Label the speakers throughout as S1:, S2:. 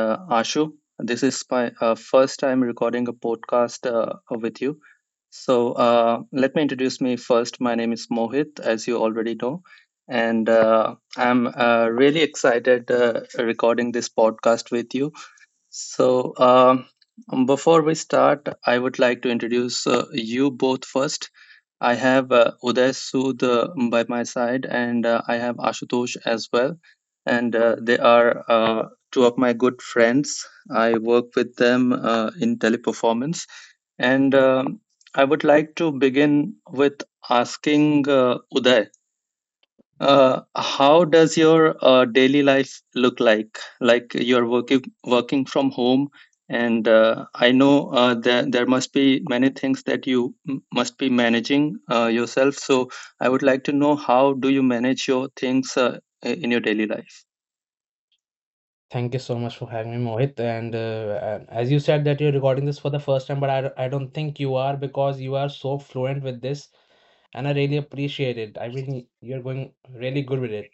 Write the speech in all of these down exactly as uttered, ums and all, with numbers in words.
S1: uh, Ashu. This is my uh, first time recording a podcast uh, with you. So uh, let me introduce me first. My name is Mohit, as you already know, and uh, I'm uh, really excited uh, recording this podcast with you. So um before we start, I would like to introduce uh, you both first. I have uh, Uday Sood uh, by my side, and uh, I have Ashutosh as well. And uh, they are uh, two of my good friends. I work with them uh, in teleperformance. And um, I would like to begin with asking uh, Uday. Uh, how does your uh, daily life look like? Like you're working working from home, and uh, I know uh, there there must be many things that you m- must be managing uh, yourself. So I would like to know how do you manage your things uh, i- in your daily life?
S2: Thank you so much for having me, Mohit. And uh, uh, as you said, that you're recording this for the first time, but I, I don't think you are, because you are so fluent with this, and I really appreciate it. I really, you're going really good with it.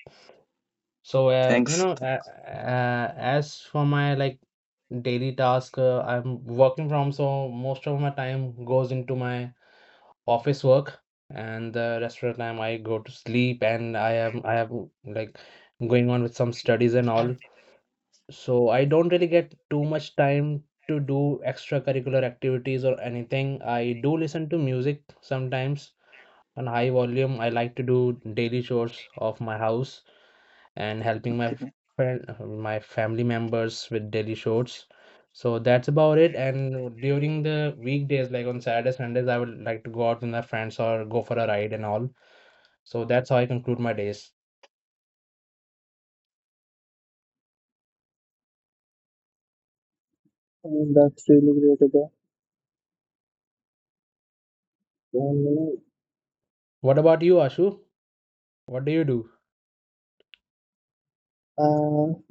S2: So uh, you
S1: Thanks.
S2: know, uh, uh, as for my, like, daily task, uh, I'm working from, so most of my time goes into my office work, and the rest of the time I go to sleep, and I am I have, like, going on with some studies and all, so I don't really get too much time to do extracurricular activities or anything. I do listen to music sometimes on high volume. I like to do daily chores of my house and helping my f-
S1: Okay.
S2: friend, uh, my family members with daily chores. So that's about it. And during the weekdays, like on Saturdays, Sundays, I would like to go out with my friends or go for a ride and all. So that's how I conclude my days.
S3: And that's really great, Ida. And you
S2: What about you, Ashu? What do you do?
S3: know,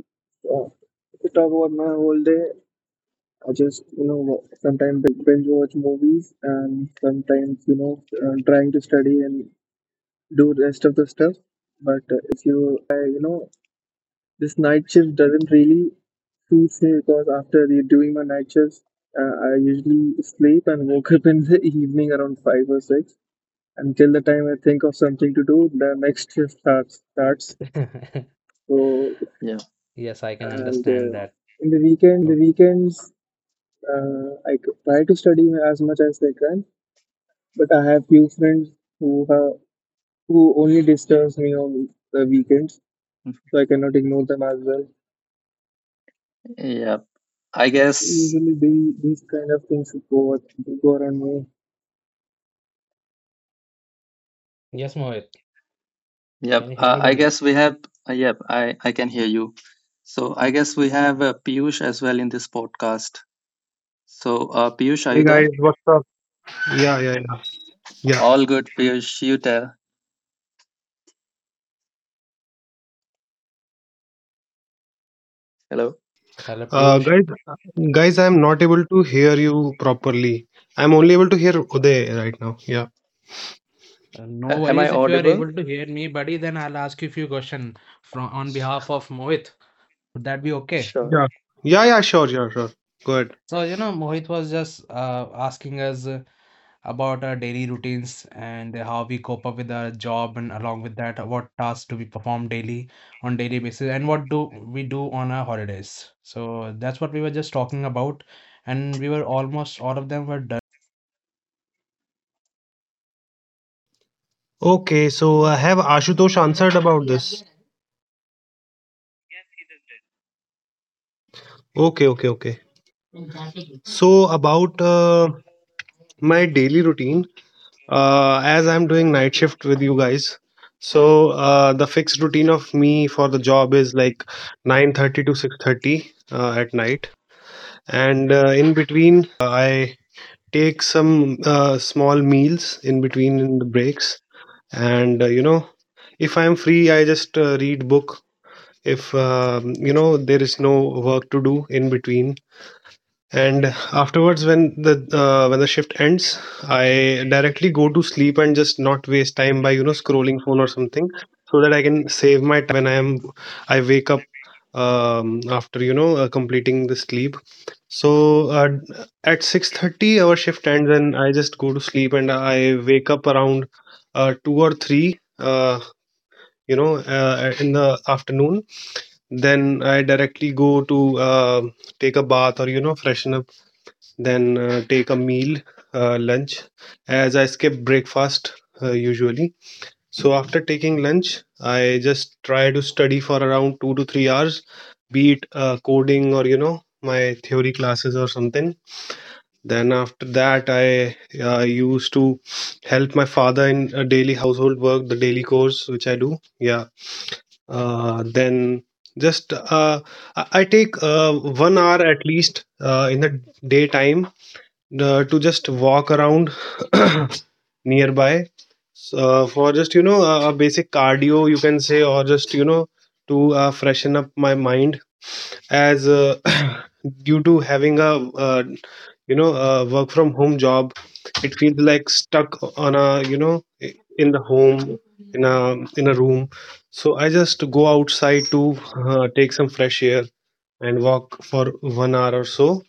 S3: uh, uh, if you talk about my whole day, I just you know wa- sometimes binge, binge watch movies, and sometimes you know uh, trying to study and do rest of the stuff. But uh, if you if I you know this night shift doesn't really suits me, because after re- doing my night shifts, uh, I usually sleep and woke up in the evening around five or six. Until the time I think of something to do, the next shift starts starts. So
S1: Yeah.
S2: Yes, I can
S3: and
S2: understand.
S3: uh, in the weekends uh, I c- try to study as much as I can, but I have few friends who have, who only disturbs me on the weekends, so I cannot ignore them as well.
S1: Yeah, I guess.
S3: Usually the, these kind of things go go around me.
S2: Yes, Mohit.
S1: Yep.
S2: Can you hear
S1: Uh,
S2: me,
S1: I
S2: buddy?
S1: guess we have. Uh, yep. I I can hear you. So I guess we have uh, Piyush as well in this podcast. So uh, Piyush, are you
S4: Hey
S1: there?
S4: guys, what's up? Yeah, yeah, yeah. Yeah.
S1: All good, Piyush. You tell. Hello.
S2: Hello,
S4: Uh,
S2: Piyush.
S4: guys, guys, I'm not able to hear you properly. I'm only able to hear Uday right now. Yeah.
S2: Uh, No
S1: A- am I
S2: worries if you are
S1: audible?
S2: able to hear me, buddy. Then I'll ask you a few questions from on behalf of Mohit. Would that be okay?
S1: Sure.
S4: Yeah. Yeah, yeah, sure, sure, sure. Go ahead.
S2: So, you know, Mohit was just uh, asking us uh, about our daily routines and how we cope up with our job, and along with that, what tasks do we perform daily on daily basis, and what do we do on our holidays. So that's what we were just talking about, and we were almost all of them were done.
S4: Okay, so uh, have Ashutosh answered about this? Okay, okay, okay. So about uh, my daily routine, uh, as I'm doing night shift with you guys, so uh, the fixed routine of me for the job is like nine thirty to six thirty uh, at night, and uh, in between uh, I take some uh, small meals in between in the breaks. And uh, you know, if I'm free I just uh, read book if um, you know there is no work to do in between. And afterwards, when the uh, when the shift ends, I directly go to sleep and just not waste time by you know scrolling phone or something, so that I can save my time when i am i wake up um, after you know uh, completing the sleep. So uh, at six thirty our shift ends and I just go to sleep, and I wake up around uh, two or three uh, you know uh, in the afternoon. Then I directly go to uh, take a bath or you know freshen up, then uh, take a meal, uh, lunch, as I skip breakfast uh, usually. So after taking lunch I just try to study for around two to three hours, be it uh, coding or you know my theory classes or something. Then after that, I uh, used to help my father in uh, daily household work, the daily chores which I do. Yeah. Uh, then just uh, I I take uh, one hour at least uh, in the daytime uh, to just walk around nearby. So, uh, for just you know a, a basic cardio you can say, or just you know to uh, freshen up my mind, as uh, due to having a uh, you know a work from home job, it feels like stuck on a you know i- in the home in a in a room. So I just go outside to uh, take some fresh air and walk for one hour or so.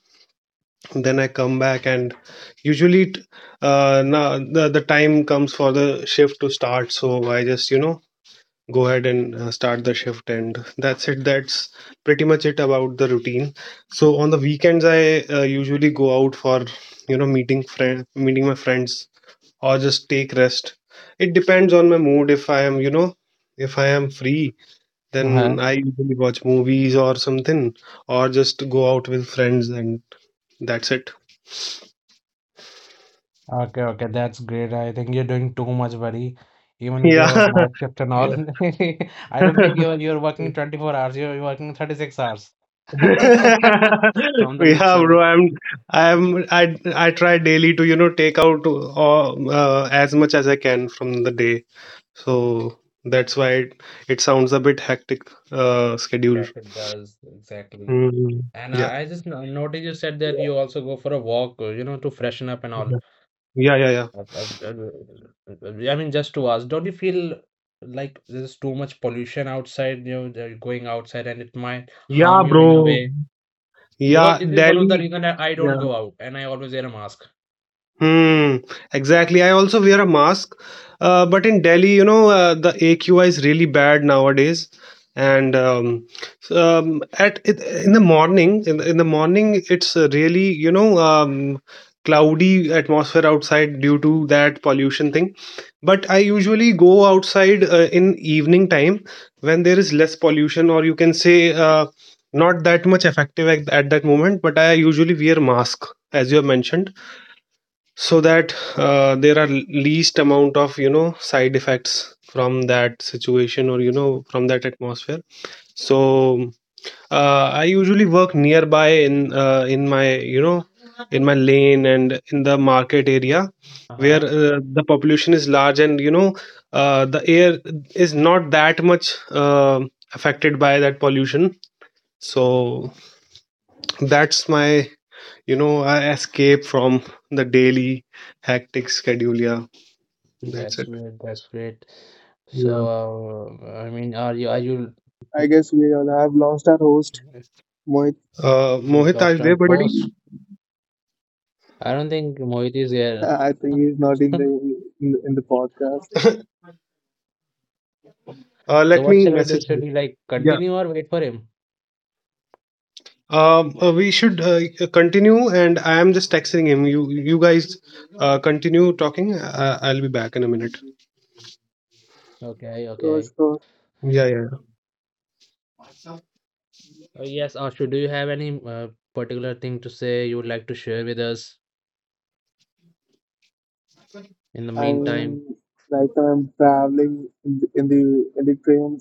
S4: Then I come back, and usually it, uh, now the, the time comes for the shift to start, so I just you know go ahead and uh, start the shift. And that's it, that's pretty much it about the routine. So on the weekends I uh, usually go out for you know meeting friend meeting my friends or just take rest. It depends on my mood. If I am you know if I am free,
S5: Huh?
S4: then I usually watch movies or something or just go out with friends. And that's it.
S5: Okay, okay. That's great. I think you're doing too much, buddy. Even with your
S4: Yeah.
S5: night shift and all,
S4: Yeah.
S5: I don't think you're you're working twenty-four hours. You're, you're working thirty-six hours. From the looks
S4: Yeah
S5: of
S4: bro,
S5: it.
S4: i'm i'm i I try daily to you know take out uh, uh, as much as I can from the day, so that's why it, it sounds a bit hectic uh, schedule.
S5: Yeah, it does. Exactly.
S4: Mm,
S5: And
S4: yeah,
S5: I, I just no- noticed you said that you also go for a walk, uh, you know, to freshen up and all.
S4: yeah, yeah, yeah, yeah.
S5: Uh, uh, uh, uh, I mean, just to ask, don't you feel like there's too much pollution outside, you know, that you're going outside and it might
S4: Yeah,
S5: harm you in a
S4: bro,
S5: way?
S4: yeah,
S5: Because this is one of
S4: Delhi,
S5: the reason that I don't
S4: yeah.
S5: go out and I always wear a mask.
S4: Hmm, exactly. I also wear a mask, uh, but in Delhi, you know, uh, the A Q I is really bad nowadays. And um, um, at it, in the morning, in the, in the morning, it's uh, really you know um, cloudy atmosphere outside due to that pollution thing. But I usually go outside uh, in evening time when there is less pollution, or you can say uh, not that much effective at, at that moment. But I usually wear mask, as you have mentioned, so that uh, there are least amount of you know side effects from that situation, or you know from that atmosphere. So uh, I usually work nearby in uh, in my you know in my lane and in the market area where
S5: Uh-huh.
S4: uh, the population is large, and you know uh, the air is not that much uh, affected by that pollution. So that's my you know I escape from the daily hectic schedule. Yeah, that's
S5: That's
S4: it.
S5: weird. That's great.
S4: Yeah.
S5: So, uh, I mean, are you are you
S3: I guess we all have lost our host Mohit.
S4: Uh,
S5: you
S4: Mohit, are
S5: lost
S4: you there,
S5: from
S4: buddy?
S5: host? I don't think Mohit is here.
S3: I think he's not in the in the, in the podcast.
S4: Uh,
S5: So
S4: let
S5: what
S4: me
S5: shall we do?
S4: message
S5: Should
S4: him.
S5: we like
S4: Yeah.
S5: continue or wait for him?
S4: Um, uh, we should uh, continue, and I am just texting him. You, you guys, uh, continue talking. Uh, I'll be back in a minute.
S5: Okay,
S3: So,
S5: okay.
S3: so
S4: Yeah, yeah.
S5: Uh, yes, Ashu, do you have any uh, particular thing to say you would like to share with us in the
S3: I'm
S5: meantime?
S3: right now I'm traveling in the in the, in the train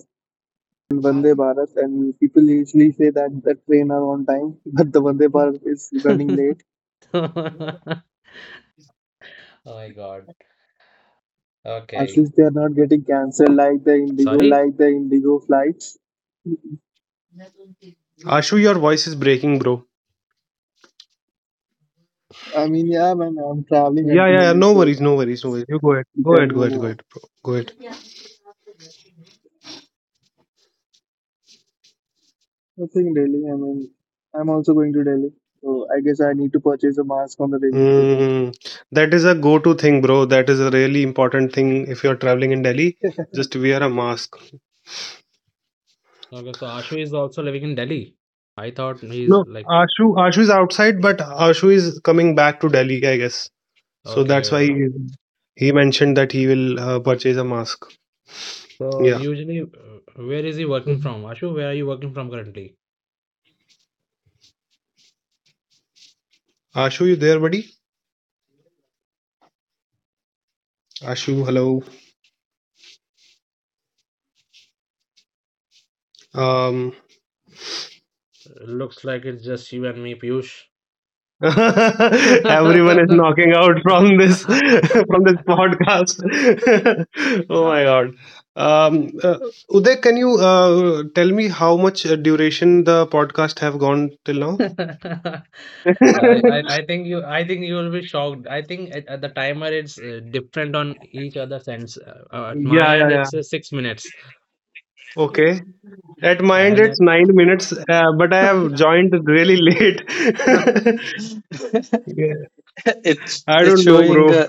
S3: on Vande Bharat, and people usually say that the train are on time, but the Vande Bharat is running late.
S5: Oh my God.
S3: At
S5: Okay.
S3: least they are not getting cancelled like the
S5: Sorry?
S3: Indigo flights.
S4: Yeah. Ashu, your voice is breaking, bro.
S3: I mean, yeah, man, I'm traveling at
S4: Yeah,
S3: the
S4: yeah, yeah.
S3: moment,
S4: No
S3: so
S4: worries, no worries, no worries. You go ahead,
S3: you
S4: go
S3: can,
S4: ahead, go
S3: you
S4: ahead, go
S3: know,
S4: ahead, bro. Go ahead.
S3: nothing really. I mean, I'm also going to Delhi, so I guess I need to purchase a mask on the railway station.
S4: Mm, that is a go-to thing, bro. That is a really important thing if you're traveling in Delhi. Just wear a mask.
S5: Okay, so Ashu is also living in Delhi. I thought he's
S4: No,
S5: like,
S4: Ashu, Ashu is outside, but Ashu is coming back to Delhi, I guess. So
S5: okay.
S4: that's why
S5: uh,
S4: he, he mentioned that he will uh, purchase a mask.
S5: So
S4: Yeah.
S5: usually, uh, where is he working
S4: Mhm.
S5: from? Ashu, where are you working from currently?
S4: Ashu, you there, buddy? Ashu, hello. Um,
S5: Looks like it's just you and me, Piyush.
S4: everyone is
S5: I,
S4: knocking out from this from this podcast. Oh my god. Um, uh, Uday, can you uh, tell me how much uh, duration the podcast have gone till now? Yeah,
S5: I I think you I think you will be shocked. I think at, at the timer it's uh, different on each other's ends. Uh, uh, at my
S4: yeah,
S5: end
S4: yeah.
S5: it's uh, six minutes,
S4: Okay. At my end,
S5: and
S4: it's nine minutes, uh, but I have joined really late. Yeah.
S6: it's
S4: I
S6: it's
S4: don't know,
S6: showing
S4: bro.
S6: uh,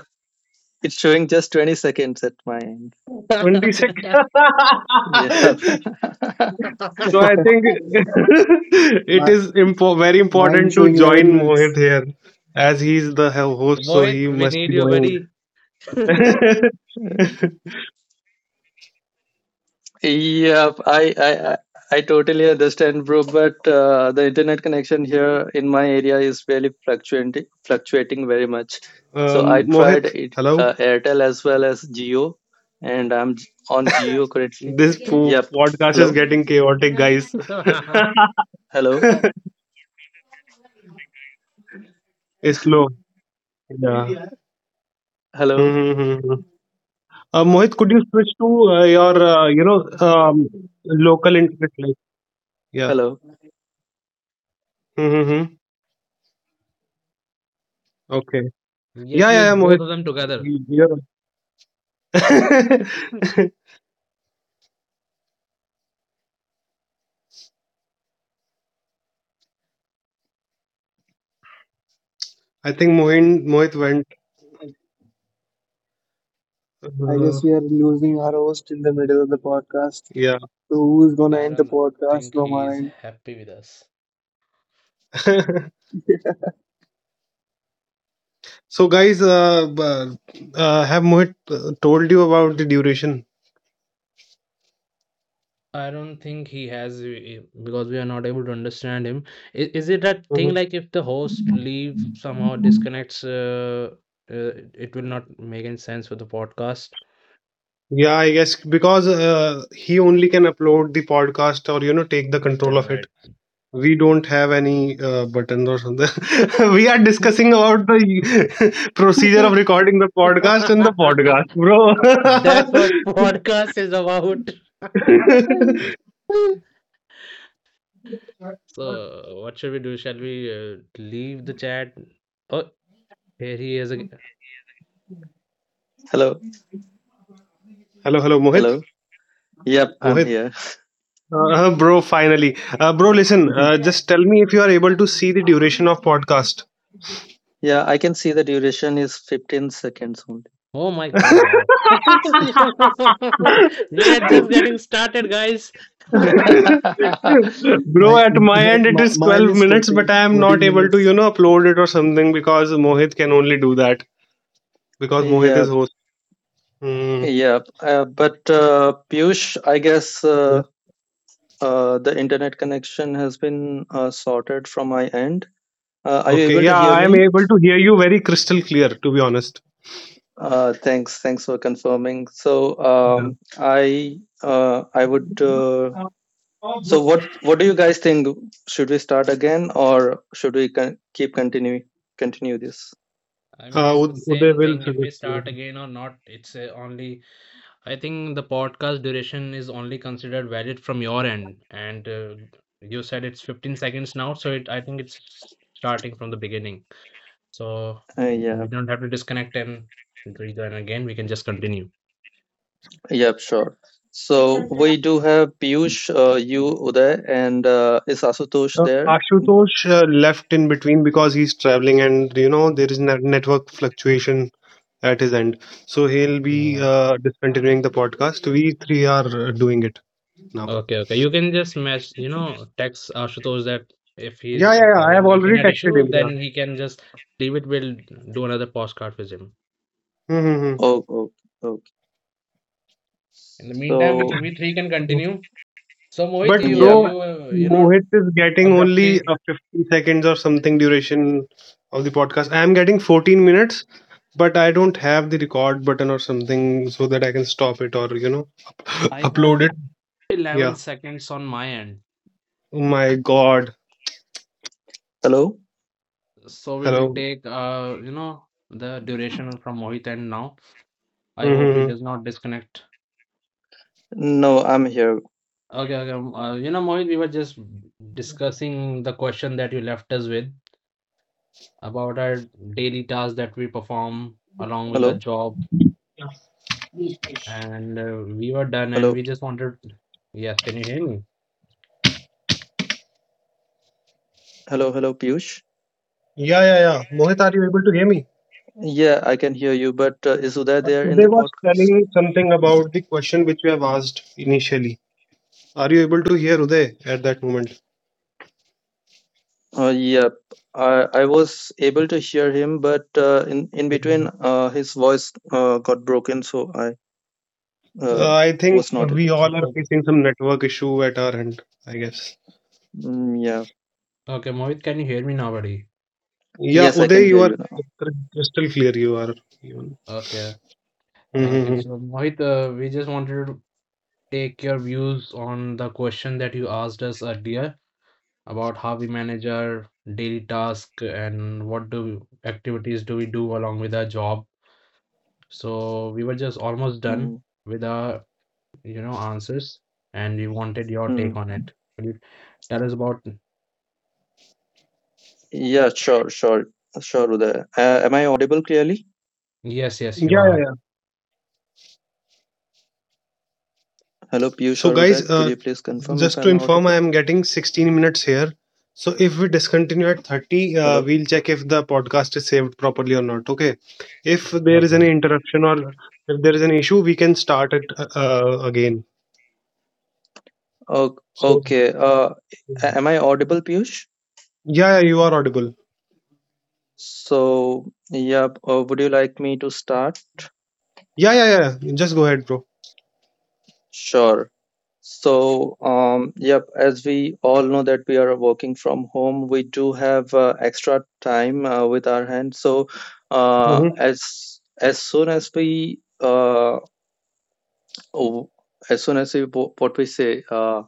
S6: it's showing just twenty seconds at my end,
S4: twenty-six.
S5: at
S6: yeah.
S4: So I think it
S3: My,
S4: is impo- very
S3: mine
S4: important to
S3: showing
S4: join
S3: eleven
S4: Mohit
S3: minutes.
S4: here as he's the ho- host, so
S5: Mohit,
S4: he
S5: we
S4: must
S5: need
S4: be
S5: you,
S4: knowing.
S5: buddy.
S6: Yeah, I, I i totally understand, bro, but uh, the internet connection here in my area is really fluctuating fluctuating very much. So I
S4: Um,
S6: tried
S4: Mohit,
S6: it,
S4: hello.
S6: uh, Airtel as well as Geo, and I'm on Geo currently.
S4: This po-
S6: Yep.
S4: podcast is
S6: Hello,
S4: getting chaotic, guys.
S6: hello,
S4: It's slow. Yeah.
S6: hello,
S4: Uh, Mohit, could you switch to uh, your, uh, you know, um, local internet? Like, yeah.
S6: hello.
S4: Mm-hmm. Okay.
S5: Yes,
S4: Yeah, yeah,
S5: use
S4: yeah,
S5: both
S4: Mohit.
S5: of them together.
S4: Y- You're right. I think Mohin, Mohit went.
S3: I, I
S4: Uh,
S3: guess we are losing our host in the middle of the podcast.
S4: yeah.
S3: So who is gonna
S5: I
S3: end the
S5: don't
S3: podcast
S5: think
S3: from
S5: he
S3: our
S5: is
S3: end?
S5: happy with us.
S4: So, guys, uh, b- uh, have Mohit uh, told you about the duration?
S5: I don't think he has eh, because we are not able to understand him. Is, is it that thing
S4: Mhm.
S5: like if the host leave somehow disconnects, uh, uh, it will not make any sense for the podcast?
S4: Yeah, I guess because uh, he only can upload the podcast or, you know, take the control
S5: Yeah,
S4: of it.
S5: right.
S4: We don't have any uh, buttons or something. We are discussing about the procedure of
S5: That's
S4: recording the podcast and the podcast, bro.
S5: what podcast is about. So, what should we do? Shall we uh, leave the chat? Oh, here he is again.
S7: Hello.
S4: Hello, hello, Mohit.
S7: Hello. Yep, I'm
S4: Mohit.
S7: here.
S4: Uh, uh, bro, finally. Uh, bro, listen, uh, just tell me if you are able to see the duration of podcast.
S7: Yeah, I can see the duration is fifteen seconds only.
S5: Oh my God, wow. We are just getting started, guys.
S4: Bro,
S3: My,
S4: at my end it
S3: my
S4: is
S3: mine
S4: twelve
S3: is
S4: minutes, but
S3: fourteen,
S4: I am not
S3: fourteen
S4: able to,
S3: minutes.
S4: you know, upload it or something because Mohit can only do, because Mohit is
S7: Yep,
S4: host. Hmm.
S7: yep. Uh, but uh, Piyush, I guess
S4: Yeah.
S7: uh, uh, the internet connection has been uh, sorted from my end. Uh, are you
S4: Okay.
S7: able to
S4: Yeah,
S7: hear
S4: I am
S7: me?
S4: able to hear you very crystal clear, to be honest.
S7: Uh, thanks, thanks for confirming. So,
S4: Yeah.
S7: um, I uh, I would. Uh,
S4: Uh,
S7: so, what what do you guys think? Should we start again, or should we con- keep continuing continue this?
S5: I mean, it's the
S4: Ud- Uday
S5: same
S4: will
S5: thing if we
S4: suggest
S5: start
S4: you.
S5: again or not. It's uh, only, I think the podcast duration is only considered valid from your end. And uh, you said it's fifteen seconds now, so it, I think it's starting from the beginning. So
S7: Uh, yeah,
S5: we don't have to disconnect and rejoin again. We can just continue.
S7: yep, sure. So we do have Piyush, uh, you, Uday, and uh, is Asutosh
S4: Uh,
S7: there?
S4: Ashutosh uh, left in between because he's traveling, and you know there is net network fluctuation at his end, so he'll be
S5: Yeah.
S4: uh, discontinuing the podcast. We three are uh, doing it now.
S5: Okay, okay. You can just mess, you know, text Ashutosh that if he's
S4: Yeah, yeah, yeah. I have
S5: having
S4: already
S5: internet
S4: texted
S5: issue,
S4: him. Yeah.
S5: then he can just leave it. We'll do another postcard with him.
S4: Mm-hmm.
S7: Oh, oh, okay.
S5: In the meantime, we
S7: So,
S5: can we three can continue. So Mohit,
S4: But
S7: mm,
S5: you
S7: yeah.
S4: bro,
S5: you uh, you know
S4: Mohit is getting only
S5: abruptly.
S4: a fifty seconds or something duration of the podcast. I am getting fourteen minutes, but I don't have the record button or something so that I can stop it or, you know,
S5: I
S4: upload
S5: have
S4: it.
S5: eleven
S4: Yeah.
S5: seconds on my end,
S4: Oh my God.
S7: Hello?
S5: so we'll
S4: Hello.
S5: take uh you know the duration from Mohit end now. I hope he
S4: Mm-hmm.
S5: does not disconnect.
S7: No, I'm here.
S5: Okay, okay. um, Uh, you know, Mohit, we were just discussing the question that you left us with about our daily tasks that we perform along with our
S7: Hello,
S5: job. And uh, we were done and
S7: hello,
S5: we just wanted. Yes, can you hear me?
S7: hello, hello, Piyush.
S4: Yeah, yeah, yeah. Mohit, are you able to hear me?
S7: Yeah, I can hear you, but uh, is Uday
S4: Uh,
S7: there in
S4: Uday
S7: the
S4: was
S7: podcast?
S4: telling something about the question which we have asked initially. Are you able to hear Uday at that moment?
S7: Uh, yep. I, I was able to hear him, but uh, in, in
S4: Okay.
S7: between, uh, his voice uh, got broken, so I uh,
S4: Uh, I think
S7: was not able
S4: we
S7: to.
S4: all are
S5: Before.
S4: facing some network issue at our end, I guess.
S7: Mm, yeah.
S5: Okay, Mohit, can you hear me now, buddy?
S4: Yeah,
S7: Yes, I can
S4: Uday, you
S7: hear
S4: are
S7: you now.
S4: crystal clear. You are even.
S5: Okay, thank you.
S4: Mm-hmm.
S5: So, Mohit, uh, we just wanted to take your views on the question that you asked us earlier about how we manage our daily task and what do activities do we do along with our job. So, we were just almost done
S7: Mm.
S5: with our you know, answers, and we wanted your take
S7: Mm.
S5: on it. Could you tell us about?
S7: Yeah, sure, sure, sure, Uday. Uh, am I audible clearly?
S5: Yes, yes, you
S4: Yeah, yeah,
S5: are.
S4: yeah.
S7: Hello, Piyush
S4: So,
S7: or Uday.
S4: guys,
S7: Could
S4: uh,
S7: you please confirm if
S4: just to
S7: I'm
S4: inform, I
S7: audible?
S4: am getting sixteen minutes here. So, if we discontinue at thirty, uh,
S7: Hello.
S4: we'll check if the podcast is saved properly or not. Okay. If there is
S5: Okay.
S4: any interruption or if there is an issue, we can start it uh, uh, again.
S7: Oh,
S4: So,
S7: okay. Uh,
S4: yeah,
S7: a- am I audible, Piyush?
S4: yeah, you are audible.
S7: So, yeah. Uh, would you like me to start?
S4: Yeah, yeah, yeah. Yeah. Just go ahead, bro.
S7: Sure. So, um, yep, as we all know that we are working from home, we do have uh, extra time uh, with our hands. So, uh,
S4: Mm-hmm.
S7: as as soon as we uh, Oh, as soon as we bo- what we say, uh,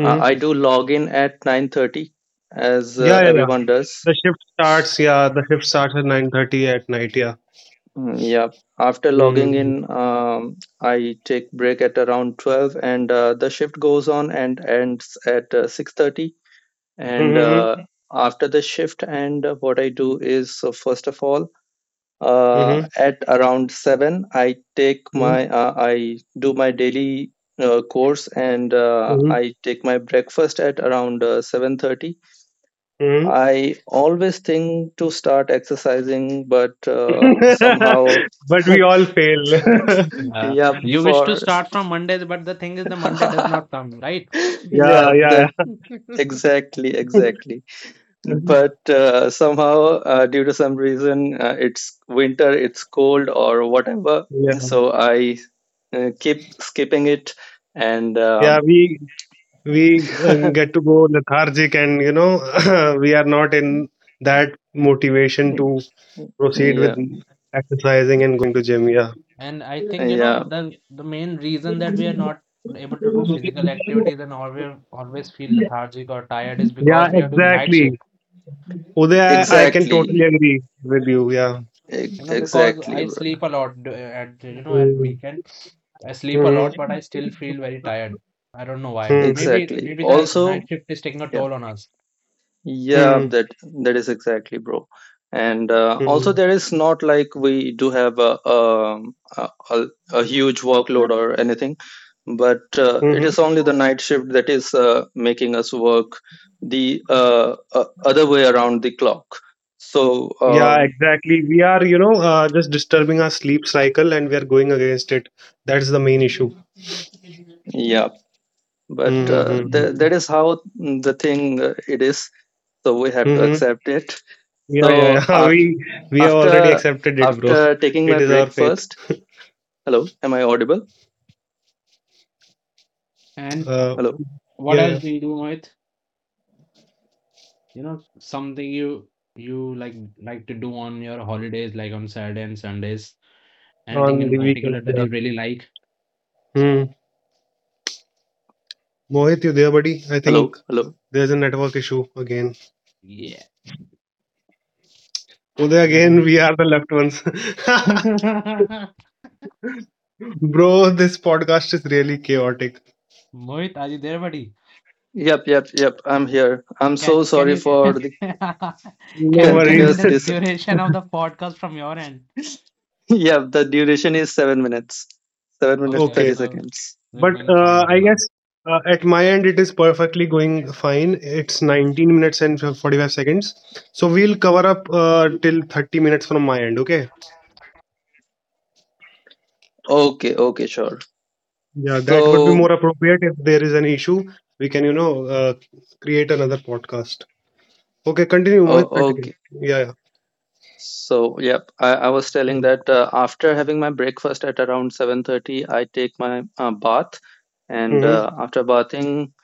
S7: I I do log in at nine thirty, as
S4: Yeah,
S7: uh,
S4: yeah, yeah.
S7: everyone does.
S4: The shift starts, yeah, the shift starts at nine thirty at night, yeah.
S7: Mm, yeah. After logging
S4: Mm-hmm.
S7: in, um, I take break at around twelve, and uh, the shift goes on and ends at uh, six thirty. And
S4: Mm-hmm.
S7: uh, after the shift, and uh, what I do is, uh, first of all, uh,
S4: Mm-hmm.
S7: at around seven, i take my uh, I do my daily uh, course, and uh,
S4: Mm-hmm.
S7: I take my breakfast at around uh, seven thirty.
S4: Mm-hmm.
S7: I always think to start exercising, but uh, somehow.
S4: But we all fail.
S5: Uh,
S7: Yeah,
S5: you wish to
S7: for
S5: start from Mondays, but the thing is, the Monday does not come, right?
S7: yeah,
S4: Yeah, yeah,
S7: that,
S4: yeah.
S7: exactly exactly but uh, somehow, uh, due to some reason, uh, it's winter, it's cold or whatever,
S4: Yeah.
S7: so I uh, keep skipping it. And
S4: Yeah,
S7: um,
S4: we we uh, get to go lethargic, and you know we are not in that motivation to proceed with
S7: yeah,
S4: exercising and going to gym, yeah.
S5: And I think, you
S7: yeah,
S5: know, the the main reason that we are not able to do physical activities and always always feel lethargic or tired is
S4: Yeah,
S5: because we are doing night
S4: exactly.
S5: shift.
S4: Uday, I, I can totally
S7: exactly.
S4: agree with you, yeah.
S7: E-
S5: You know, because
S7: exactly,
S5: I
S7: brother,
S5: sleep a lot d- at, you know, at
S4: Mm.
S5: weekend. I sleep a lot, but
S4: Mhm,
S5: I still feel very tired. I don't know why.
S4: mhm,
S5: Maybe
S7: exactly
S5: maybe the
S7: also.
S5: night shift is taking a toll on us.
S7: Yeah,
S4: mhm,
S7: that that is exactly, bro. And uh, also,
S4: mhm,
S7: there is not like we do have a um, a, a, a huge workload or anything, but uh, it
S4: mhm.
S7: is only the night shift that is uh, making us work the uh, uh, other way around the clock. So
S4: Yeah,
S7: um,
S4: exactly. We are, you know, uh, just disturbing our sleep cycle, and we are going against it. That's the main issue.
S7: yeah, but uh, th- that
S4: Mm-hmm.
S7: is how the thing uh, it is. So we have to
S4: Mm-hmm.
S7: accept it.
S4: Yeah,
S7: So
S4: yeah, yeah.
S7: af-
S4: We we have already
S7: after
S4: accepted it, bro.
S7: after taking my
S4: It is our
S7: break
S4: faith.
S7: first. Hello, am I audible?
S5: And
S4: Uh,
S7: Hello,
S5: what
S4: yeah,
S5: else
S4: yeah.
S5: do you do, Mohit? You know, something you you like like to do on your holidays, like on Saturday and Sundays. Anything
S4: On the
S5: in
S4: weekend,
S5: particular that
S4: yeah.
S5: you really like?
S4: Hmm. Mohit, you there, buddy? I
S7: hello,
S4: think
S7: hello.
S4: there's a network issue again.
S5: Yeah.
S4: Uday,
S5: Let
S4: again,
S5: him.
S4: we are the left ones. Bro, this podcast is really chaotic.
S5: Mohit, are you there, buddy?
S7: Yep, yep, yep. I'm here. I'm so
S5: Can can
S7: sorry
S5: you
S7: for the
S5: can
S4: No
S5: you tell
S4: worries.
S5: me
S7: continuous
S5: the
S7: dis.
S5: duration of the podcast from your end?
S7: Yep, the duration is seven minutes. Seven minutes
S5: Okay,
S4: Okay.
S7: thirty
S5: so
S7: seconds.
S5: we're
S4: But
S5: going
S4: uh,
S5: fine till
S4: I
S5: now.
S4: guess uh, at my end, it is perfectly going fine. It's nineteen minutes and forty-five seconds. So we'll cover up uh, till thirty minutes from my end, okay?
S7: Okay, okay, sure.
S4: Yeah, that would be
S7: So,
S4: more appropriate. If there is an issue, we can, you know, uh, create another podcast. Okay, continue, Mohit,
S7: uh,
S4: continue.
S7: okay.
S4: Yeah, yeah.
S7: So, yep. I, I was telling that uh, after having my breakfast at around seven thirty, I take my uh, bath, and uh,
S4: Mm-hmm,
S7: after bathing,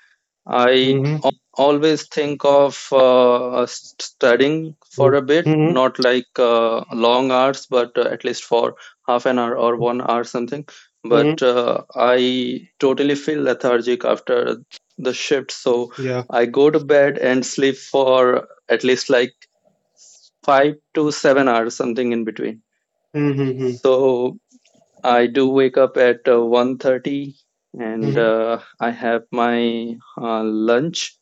S7: I
S4: mm-hmm,
S7: always think of uh, studying for
S4: mm-hmm,
S7: a bit,
S4: mm-hmm,
S7: not like uh, long hours, but uh, at least for half an hour or one hour something.
S4: mm-hmm.
S7: But uh, I totally feel lethargic after the shift, so
S4: Yeah.
S7: I go to bed and sleep for at least like five to seven hours, something in between.
S4: Mm-hmm,
S7: So I do wake up at uh, one thirty, and
S4: mm-hmm,
S7: uh, I have my uh, lunch.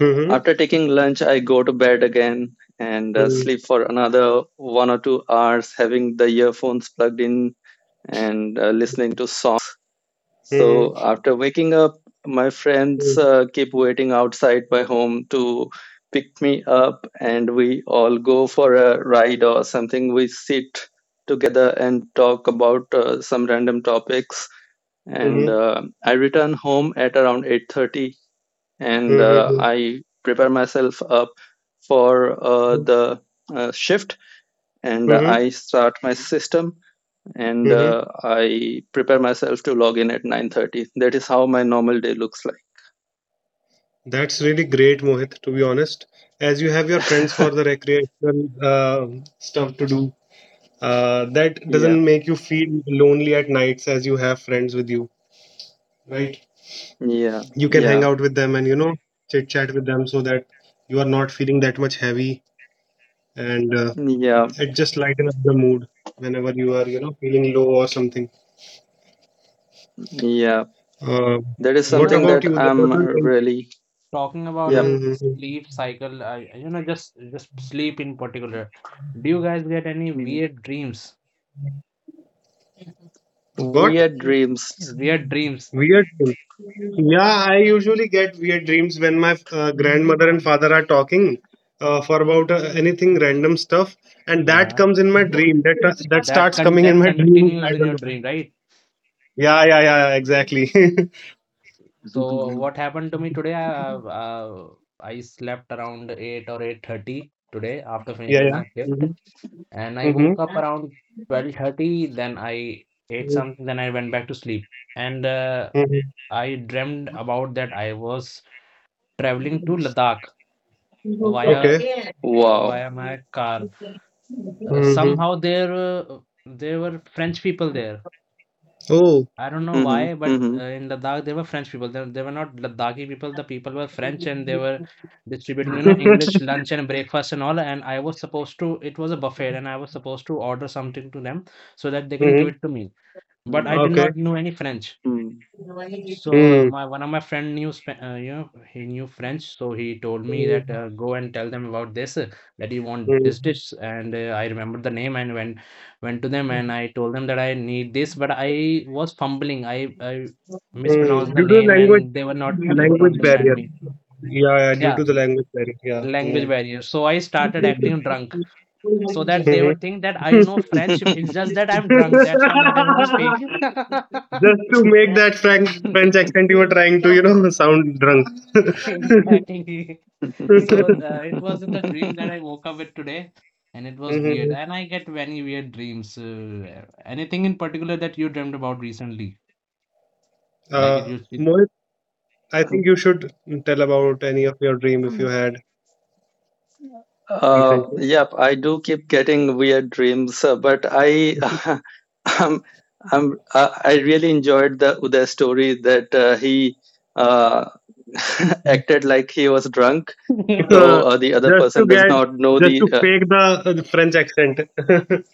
S4: mm-hmm,
S7: After taking lunch, I go to bed again and uh,
S4: mm-hmm,
S7: sleep for another one or two hours, having the earphones plugged in and uh, listening to songs. So
S4: mm-hmm,
S7: after waking up, my friends uh, keep waiting outside my home to pick me up, and we all go for a ride or something. We sit together and talk about uh, some random topics, and
S4: mm-hmm,
S7: uh, I return home at around eight thirty, and
S4: mm-hmm,
S7: uh,
S4: mm-hmm,
S7: I prepare myself up for uh, the uh, shift, and uh,
S4: mm-hmm,
S7: I start my system and
S4: mm-hmm.
S7: uh, I prepare myself to log in at nine thirty. That is how my normal day looks like.
S4: That's really great, Mohit, to be honest. As you have your friends for the recreational uh, stuff to do, uh, that
S7: Yeah,
S4: doesn't make you feel lonely at nights as you have friends with you, right?
S7: yeah,
S4: You can hang
S7: yeah,
S4: out with them and, you know, chit chat with them so that you are not feeling that much heavy and uh,
S7: yeah,
S4: it just lightens up the mood whenever you are, you know, feeling low or something.
S7: yeah.
S4: Uh,
S5: Yeah,
S7: That
S5: uh,
S7: is
S5: You
S4: what
S5: know,
S7: something
S4: about you?
S5: uh,
S7: that
S4: What
S7: I'm
S4: do you think?
S7: really.
S5: talking about
S7: Yeah.
S5: a
S4: Hmm.
S5: sleep cycle, uh, you know, just just sleep in particular. Do you guys get any
S7: mm,
S5: weird dreams?
S4: What?
S7: Weird dreams.
S5: Weird dreams
S4: Weird dreams. Yeah, I usually get weird dreams when my uh, grandmother and father are talking uh, for about uh, anything random stuff, and that
S5: uh,
S4: comes in my dream. That uh, that
S5: that
S4: starts
S5: con
S4: coming in
S5: that
S4: my dream. I
S5: continues in
S4: don't
S5: your
S4: know.
S5: dream, right?
S4: Yeah, yeah, yeah, yeah, exactly.
S5: So what happened to me today? I, uh, uh, I slept around eight or eight thirty today after
S4: Yeah,
S5: finishing
S4: yeah.
S5: my shift,
S4: Mm-hmm.
S5: and I woke up around twelve thirty. Then I ate
S4: Mm-hmm.
S5: something. Then I went back to sleep. And uh, I dreamed about that I was traveling to Ladakh
S4: Mm-hmm.
S5: via
S4: Okay.
S5: via
S7: Wow.
S5: my car. Uh,
S4: Mm-hmm.
S5: somehow there uh, there were French people there.
S4: Oh.
S5: I don't know
S7: Mm-hmm.
S5: why, but uh, in Ladakh there were French people. They, they were not Ladakhi people. The people were French, and they were distributing, you know, English lunch and breakfast and all. And I was supposed to. It was a buffet, and I was supposed to order something to them so that they can give
S4: Mm-hmm.
S5: it to me. But I did
S4: Okay.
S5: not know any French. So, uh,
S4: Mm.
S5: my one of my friend knew, Spa- uh, you know, he knew French, so he told me that
S4: Mm.
S5: uh, go and tell them about this, uh, that you want this
S4: Mm.
S5: dish. And uh, I remembered the name and went went to them and I told them that I need this, but I was fumbling. I I mispronounced
S4: Mm.
S5: the
S4: Due to
S5: name
S4: language
S5: and they were not able to
S4: language
S5: understand
S4: barrier.
S5: me.
S4: Yeah, yeah, due
S5: Yeah,
S4: to the
S5: mm,
S4: language barrier. Yeah.
S5: language
S4: Mm.
S5: barrier. So I started acting drunk so that they
S4: Mhm.
S5: would think that I know French. It's just that
S4: Just
S5: I'm drunk. That's why I'm not able to speak.
S4: to make that Frank French accent, you were trying to, you know, sound drunk.
S5: Exactly. So uh, it was the dream
S7: Mm-hmm.
S5: that I woke up with today, and it was weird.
S4: Hmm.
S5: And I get many weird dreams. Uh, anything in particular that you dreamt about recently? Like it
S4: Uh,
S5: used to be.
S4: Mohit, I think you should tell about any of your dream if you had
S7: Uh,
S4: recently.
S7: yep, I do keep getting weird dreams, uh, but I, um, I'm, uh, I really enjoyed the Uday story that uh, he uh, acted like he was drunk, so uh, the other
S4: just to
S7: person does
S4: get,
S7: not know
S4: just
S7: the.
S4: to
S7: Uh,
S4: fake the uh, French accent.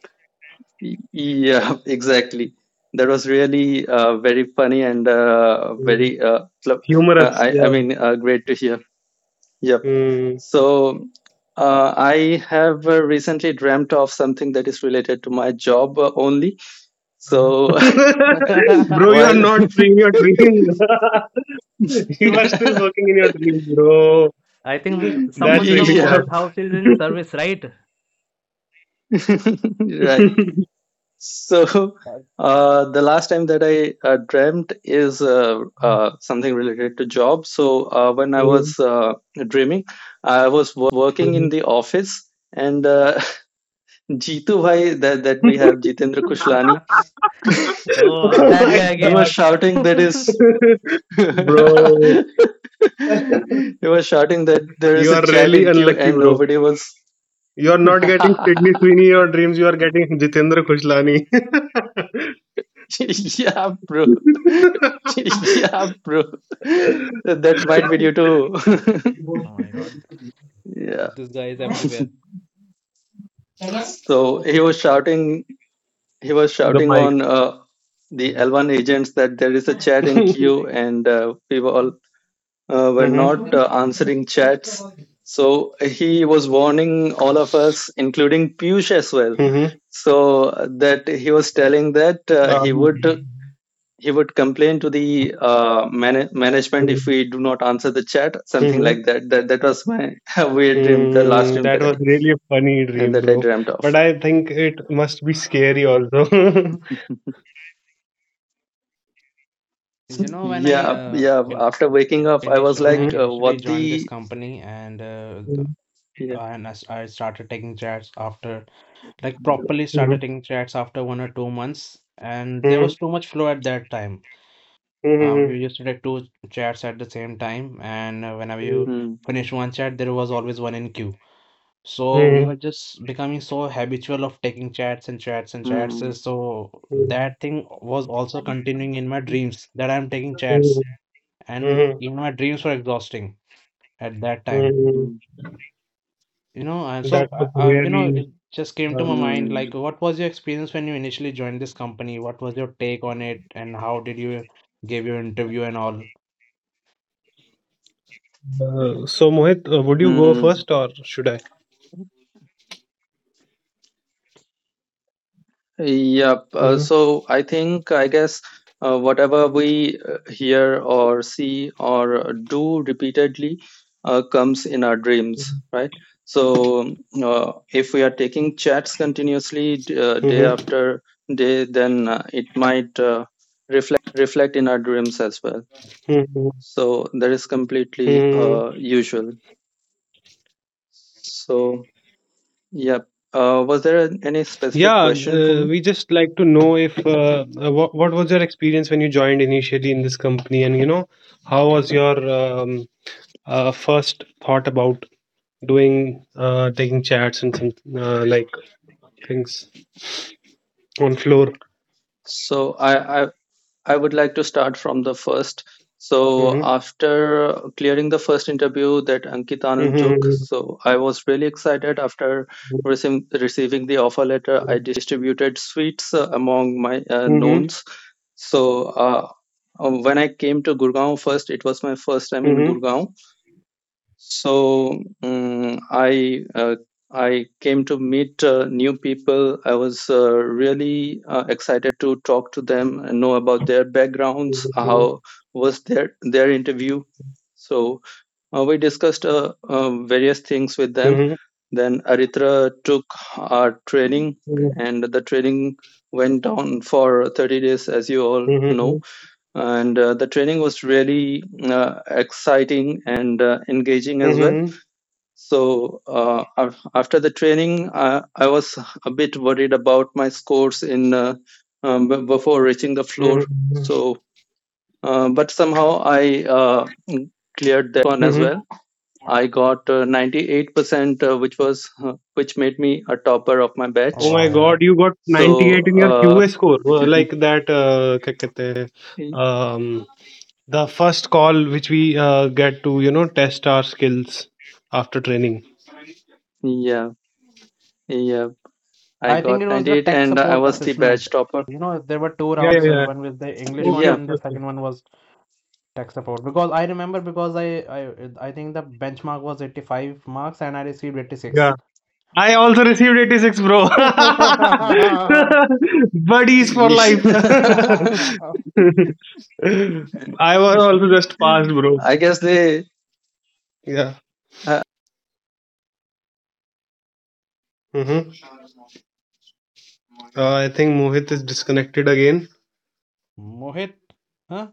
S7: y- Yeah, exactly. That was really uh, very funny and uh,
S4: Mm.
S7: very. Uh, pl- uh,
S4: Humorous,
S7: I, I
S4: yeah.
S7: mean, uh, great to hear. Yep.
S4: Hmm.
S7: So uh, I have uh, recently dreamt of something that is related to my job uh, only. So
S4: Bro, you are
S7: while
S4: not freeing your dream. You are still working in your dream, bro.
S5: I think
S4: That's
S5: someone
S4: really
S5: from
S4: sad.
S7: yeah,
S5: Mohit House is in service, right?
S7: right. So
S5: Right.
S7: uh, the last time that I uh, dreamt is uh, uh, something related to job. So uh, when I was uh, dreaming, I was working in the office. And uh, Jitu Bhai, that, that we have, Jitendra Kushlani,
S5: Oh,
S4: Oh
S5: that
S4: my
S5: guy
S7: he was
S5: again.
S4: god.
S7: shouting that is
S4: Bro,
S7: they were shouting that there is
S4: you
S7: a
S4: are
S7: chat
S4: really
S7: in queue
S4: unlucky,
S7: and
S4: bro.
S7: nobody was.
S4: You are not getting
S7: Yeah,
S4: Sydney Sweeney in your dreams, you are getting Jitendra Khushlani.
S7: bro. That might be due to.
S5: Oh my God.
S7: Yeah.
S5: This guy is everywhere.
S7: So he was shouting. He was
S4: The
S7: shouting
S4: mic.
S7: on uh, the L one agents that there is a chat in queue, and uh, we were all uh, were not
S4: hmm
S7: uh, answering chats. So he was warning all of us, including Piyush as well.
S4: hmm
S7: So that he was telling that uh, he
S4: Um,
S7: would he would complain to the uh, man- management if we do not answer the chat, something
S4: hmm
S7: like that. That that was my weird dream, the last
S4: Hmm,
S7: dream
S4: that
S7: that
S4: was really a funny
S7: I
S4: dream,
S7: that I
S4: bro.
S7: dreamt of.
S4: But I think it must be scary also.
S5: You know, when I
S7: Yeah,
S5: uh
S7: yeah.
S5: in,
S7: After waking up, I was
S5: initial when I
S7: like,
S4: Mhm,
S7: uh,
S5: initially
S7: "What
S5: joined this
S7: the?"
S5: company and uh th-
S4: mhm,
S7: Yeah.
S5: and I, s- I started taking chats after like properly
S4: mhm,
S5: started taking chats after one or two months and there
S4: mhm,
S5: was too much flow at that time. Uh,
S4: mhm,
S5: we used to take two chats at the same time and uh, whenever you
S7: Hmm,
S5: finish one chat there was always one in queue. So we
S4: mhm,
S5: were just becoming so habitual of taking chats and chats and chats.
S7: hmm,
S5: Uh, So
S4: mhm,
S5: that thing was also continuing in my dreams that I'm taking chats.
S4: mhm,
S5: And
S4: mhm,
S5: even my dreams were exhausting at that time.
S4: mhm.
S7: hmm,
S5: You know, and
S4: That
S5: so uh,
S4: was
S5: uh, you know, it
S4: really.
S5: just came to
S4: Uh,
S5: my mind like,
S7: hmm,
S5: what was your experience when you initially joined this company? What was your take on it, and how did you give your interview and all?
S4: uh, so, Mohit, uh, would you go
S7: hmm.
S4: first or should I?
S7: Yep. Uh,
S4: Mhm,
S7: so I think, I guess, uh, whatever we uh, hear or see or do repeatedly uh, comes in our dreams, right? So um, uh, if we are taking chats continuously, d- uh, day
S4: mhm,
S7: after day, then uh, it might uh, reflect in our dreams as well.
S4: mhm,
S7: So that is completely
S4: mhm.
S7: uh, usual. So, yep. Uh, was there an- any specific
S4: Yeah,
S7: question for
S4: uh,
S7: me?
S4: we just like to know if uh, uh, what what was your experience when you joined initially in this company, and you know, how was your um, uh, first thought about doing uh, taking chats and some uh, like things on floor.
S7: So I, I I would like to start from the first. So
S4: Mm-hmm.
S7: after clearing the first interview that Ankit Anand took,
S4: Mm-hmm.
S7: so I was really excited after receiving receiving the offer letter. I distributed sweets uh, among my uh,
S4: Mm-hmm.
S7: knowns. So uh, uh, when I came to Gurgaon first, it was my first time in
S4: Mm-hmm.
S7: Gurgaon, so mm i uh, i came to meet uh, new people. I was uh, really uh, excited to talk to them and know about their backgrounds, how was their their interview, so uh, we discussed uh, uh, various things with them.
S4: Mm-hmm.
S7: Then Aritra took our training
S4: Mm-hmm.
S7: and the training went on for thirty days, as you all know, and uh, the training was really uh, exciting and uh, engaging as well. So uh, after the training, I, I was a bit worried about my scores in uh, um, before reaching the floor,
S4: Mm-hmm.
S7: so uh, but somehow I uh, cleared that one as well.
S4: Mm-hmm.
S7: I got uh, ninety-eight percent, uh, which was uh, which made me a topper of my
S5: Oh
S4: Oh
S7: batch.
S5: wow,
S4: my
S5: yeah.
S4: God! You got ninety
S7: So
S4: eight in your
S7: uh,
S4: Q A score, well, like that. Uh, क्या कहते हैं, um, the first call which we uh, get to you know test our skills after training.
S7: yeah, yeah, I
S5: I think
S7: got
S5: it was the
S7: ninety-eight
S5: tech
S7: and I
S5: support
S7: was the
S5: assessment.
S7: batch topper.
S5: You know, there were two
S4: Yeah, yeah,
S5: rounds, uh,
S4: yeah.
S5: one with the English one
S4: Okay,
S7: Yeah.
S5: and
S4: okay,
S5: the
S4: okay.
S5: second one was tech support. Because I remember because I I I think the benchmark was eighty-five marks and I received eighty-six.
S4: I also received eighty six, bro. Buddies for
S7: Yeesh.
S4: life. I was also just passed, bro.
S7: I guess they
S4: Yeah.
S7: I
S4: Mm-hmm. Uh, I think Mohit is disconnected again.
S5: Mohit, huh?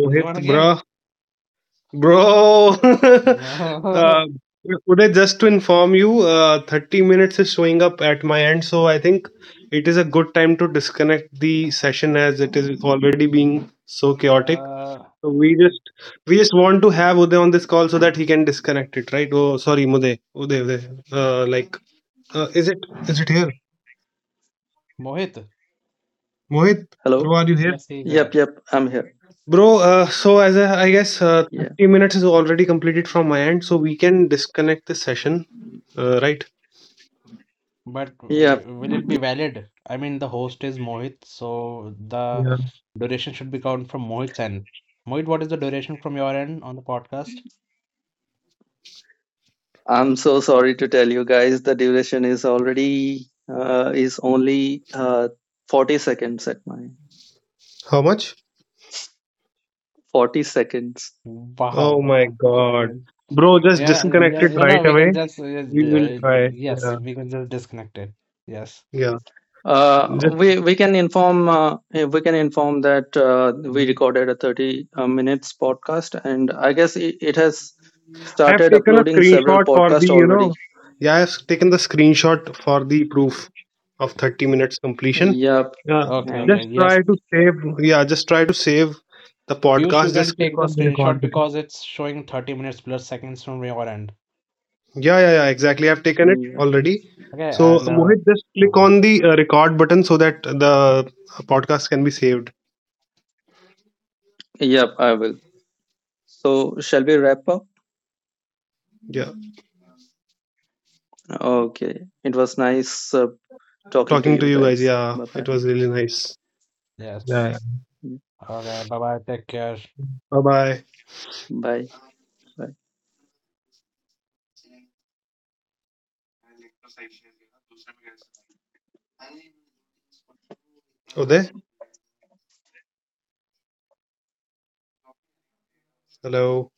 S5: He's gone again.
S4: bro. Bro. Uh, Uday, just to inform you, uh, thirty minutes is showing up at my end. So I think it is a good time to disconnect the session as it is already being so chaotic.
S5: Uh,
S4: So we
S5: it-
S4: just we just want to have Uday on this call so that he can disconnect it, right? Oh, sorry, Uday, Uday, Uday. Uh, like, uh, is it is it here?
S5: Mohit,
S4: Mohit,
S8: Hello?
S4: bro, are you here?
S5: yes, he's there.
S8: Yep, yep, I'm here.
S4: Bro, uh, so as I, I guess uh,
S8: Yeah,
S4: thirty minutes is already completed from my end, so we can disconnect this session, uh, right?
S5: But uh,
S8: yep,
S5: will it be
S8: yep.
S5: valid? I mean, the host is Mohit, so the
S4: Yeah.
S5: duration should be counted from Mohit's end. Mohit, what is the duration from your end on the podcast?
S8: I'm so sorry to tell you guys the duration is already uh, is only uh, forty seconds, at my
S4: How much?
S8: forty seconds.
S4: Oh
S5: Wow,
S4: my
S5: what happened
S4: God,
S5: again?
S4: bro, just
S5: Yeah,
S4: disconnect
S5: yeah,
S4: it
S5: you
S4: right
S5: know, we can
S4: away.
S5: just, uh,
S4: We
S5: d-
S4: will
S5: uh, d-
S4: try.
S5: yes,
S4: Yeah,
S5: we can just disconnect it. Yes.
S4: yeah.
S8: uh, we we can inform uh, we can inform that uh, we
S5: Mm,
S8: recorded a thirty uh, minutes podcast, and I guess it, it has
S4: I have
S8: started
S4: taken a
S8: uploading several
S4: screenshot for the,
S8: podcasts
S4: you
S8: already.
S4: know, yeah, I've taken the screenshot for the proof of thirty minutes completion.
S8: Yep,
S4: Yeah,
S5: okay,
S8: and
S5: okay,
S4: just
S5: yes.
S4: try to save, yeah, just try to save the
S5: Piyush, you
S4: podcast. Just
S5: can
S4: click
S5: take the
S4: on the record
S5: screenshot
S4: button.
S5: because it's showing thirty minutes plus seconds from your end.
S4: Yeah, yeah, yeah, exactly. I've taken it
S8: yep,
S4: already.
S5: Okay,
S4: So
S5: and uh,
S4: Mohit, just click
S5: uh-huh.
S4: on the uh, record button so that the podcast can be saved.
S8: yep, I will. So shall we wrap up?
S4: Yeah,
S8: Okay. It was nice uh, talking to
S4: talking to
S8: you
S4: you guys.
S8: guys.
S4: Yeah,
S8: Bye-bye.
S4: it was really nice.
S5: Yes.
S4: Yeah.
S8: Mm.
S5: Okay, bye bye. Take care.
S4: Bye bye.
S8: Bye. Bye.
S4: Uday, hello.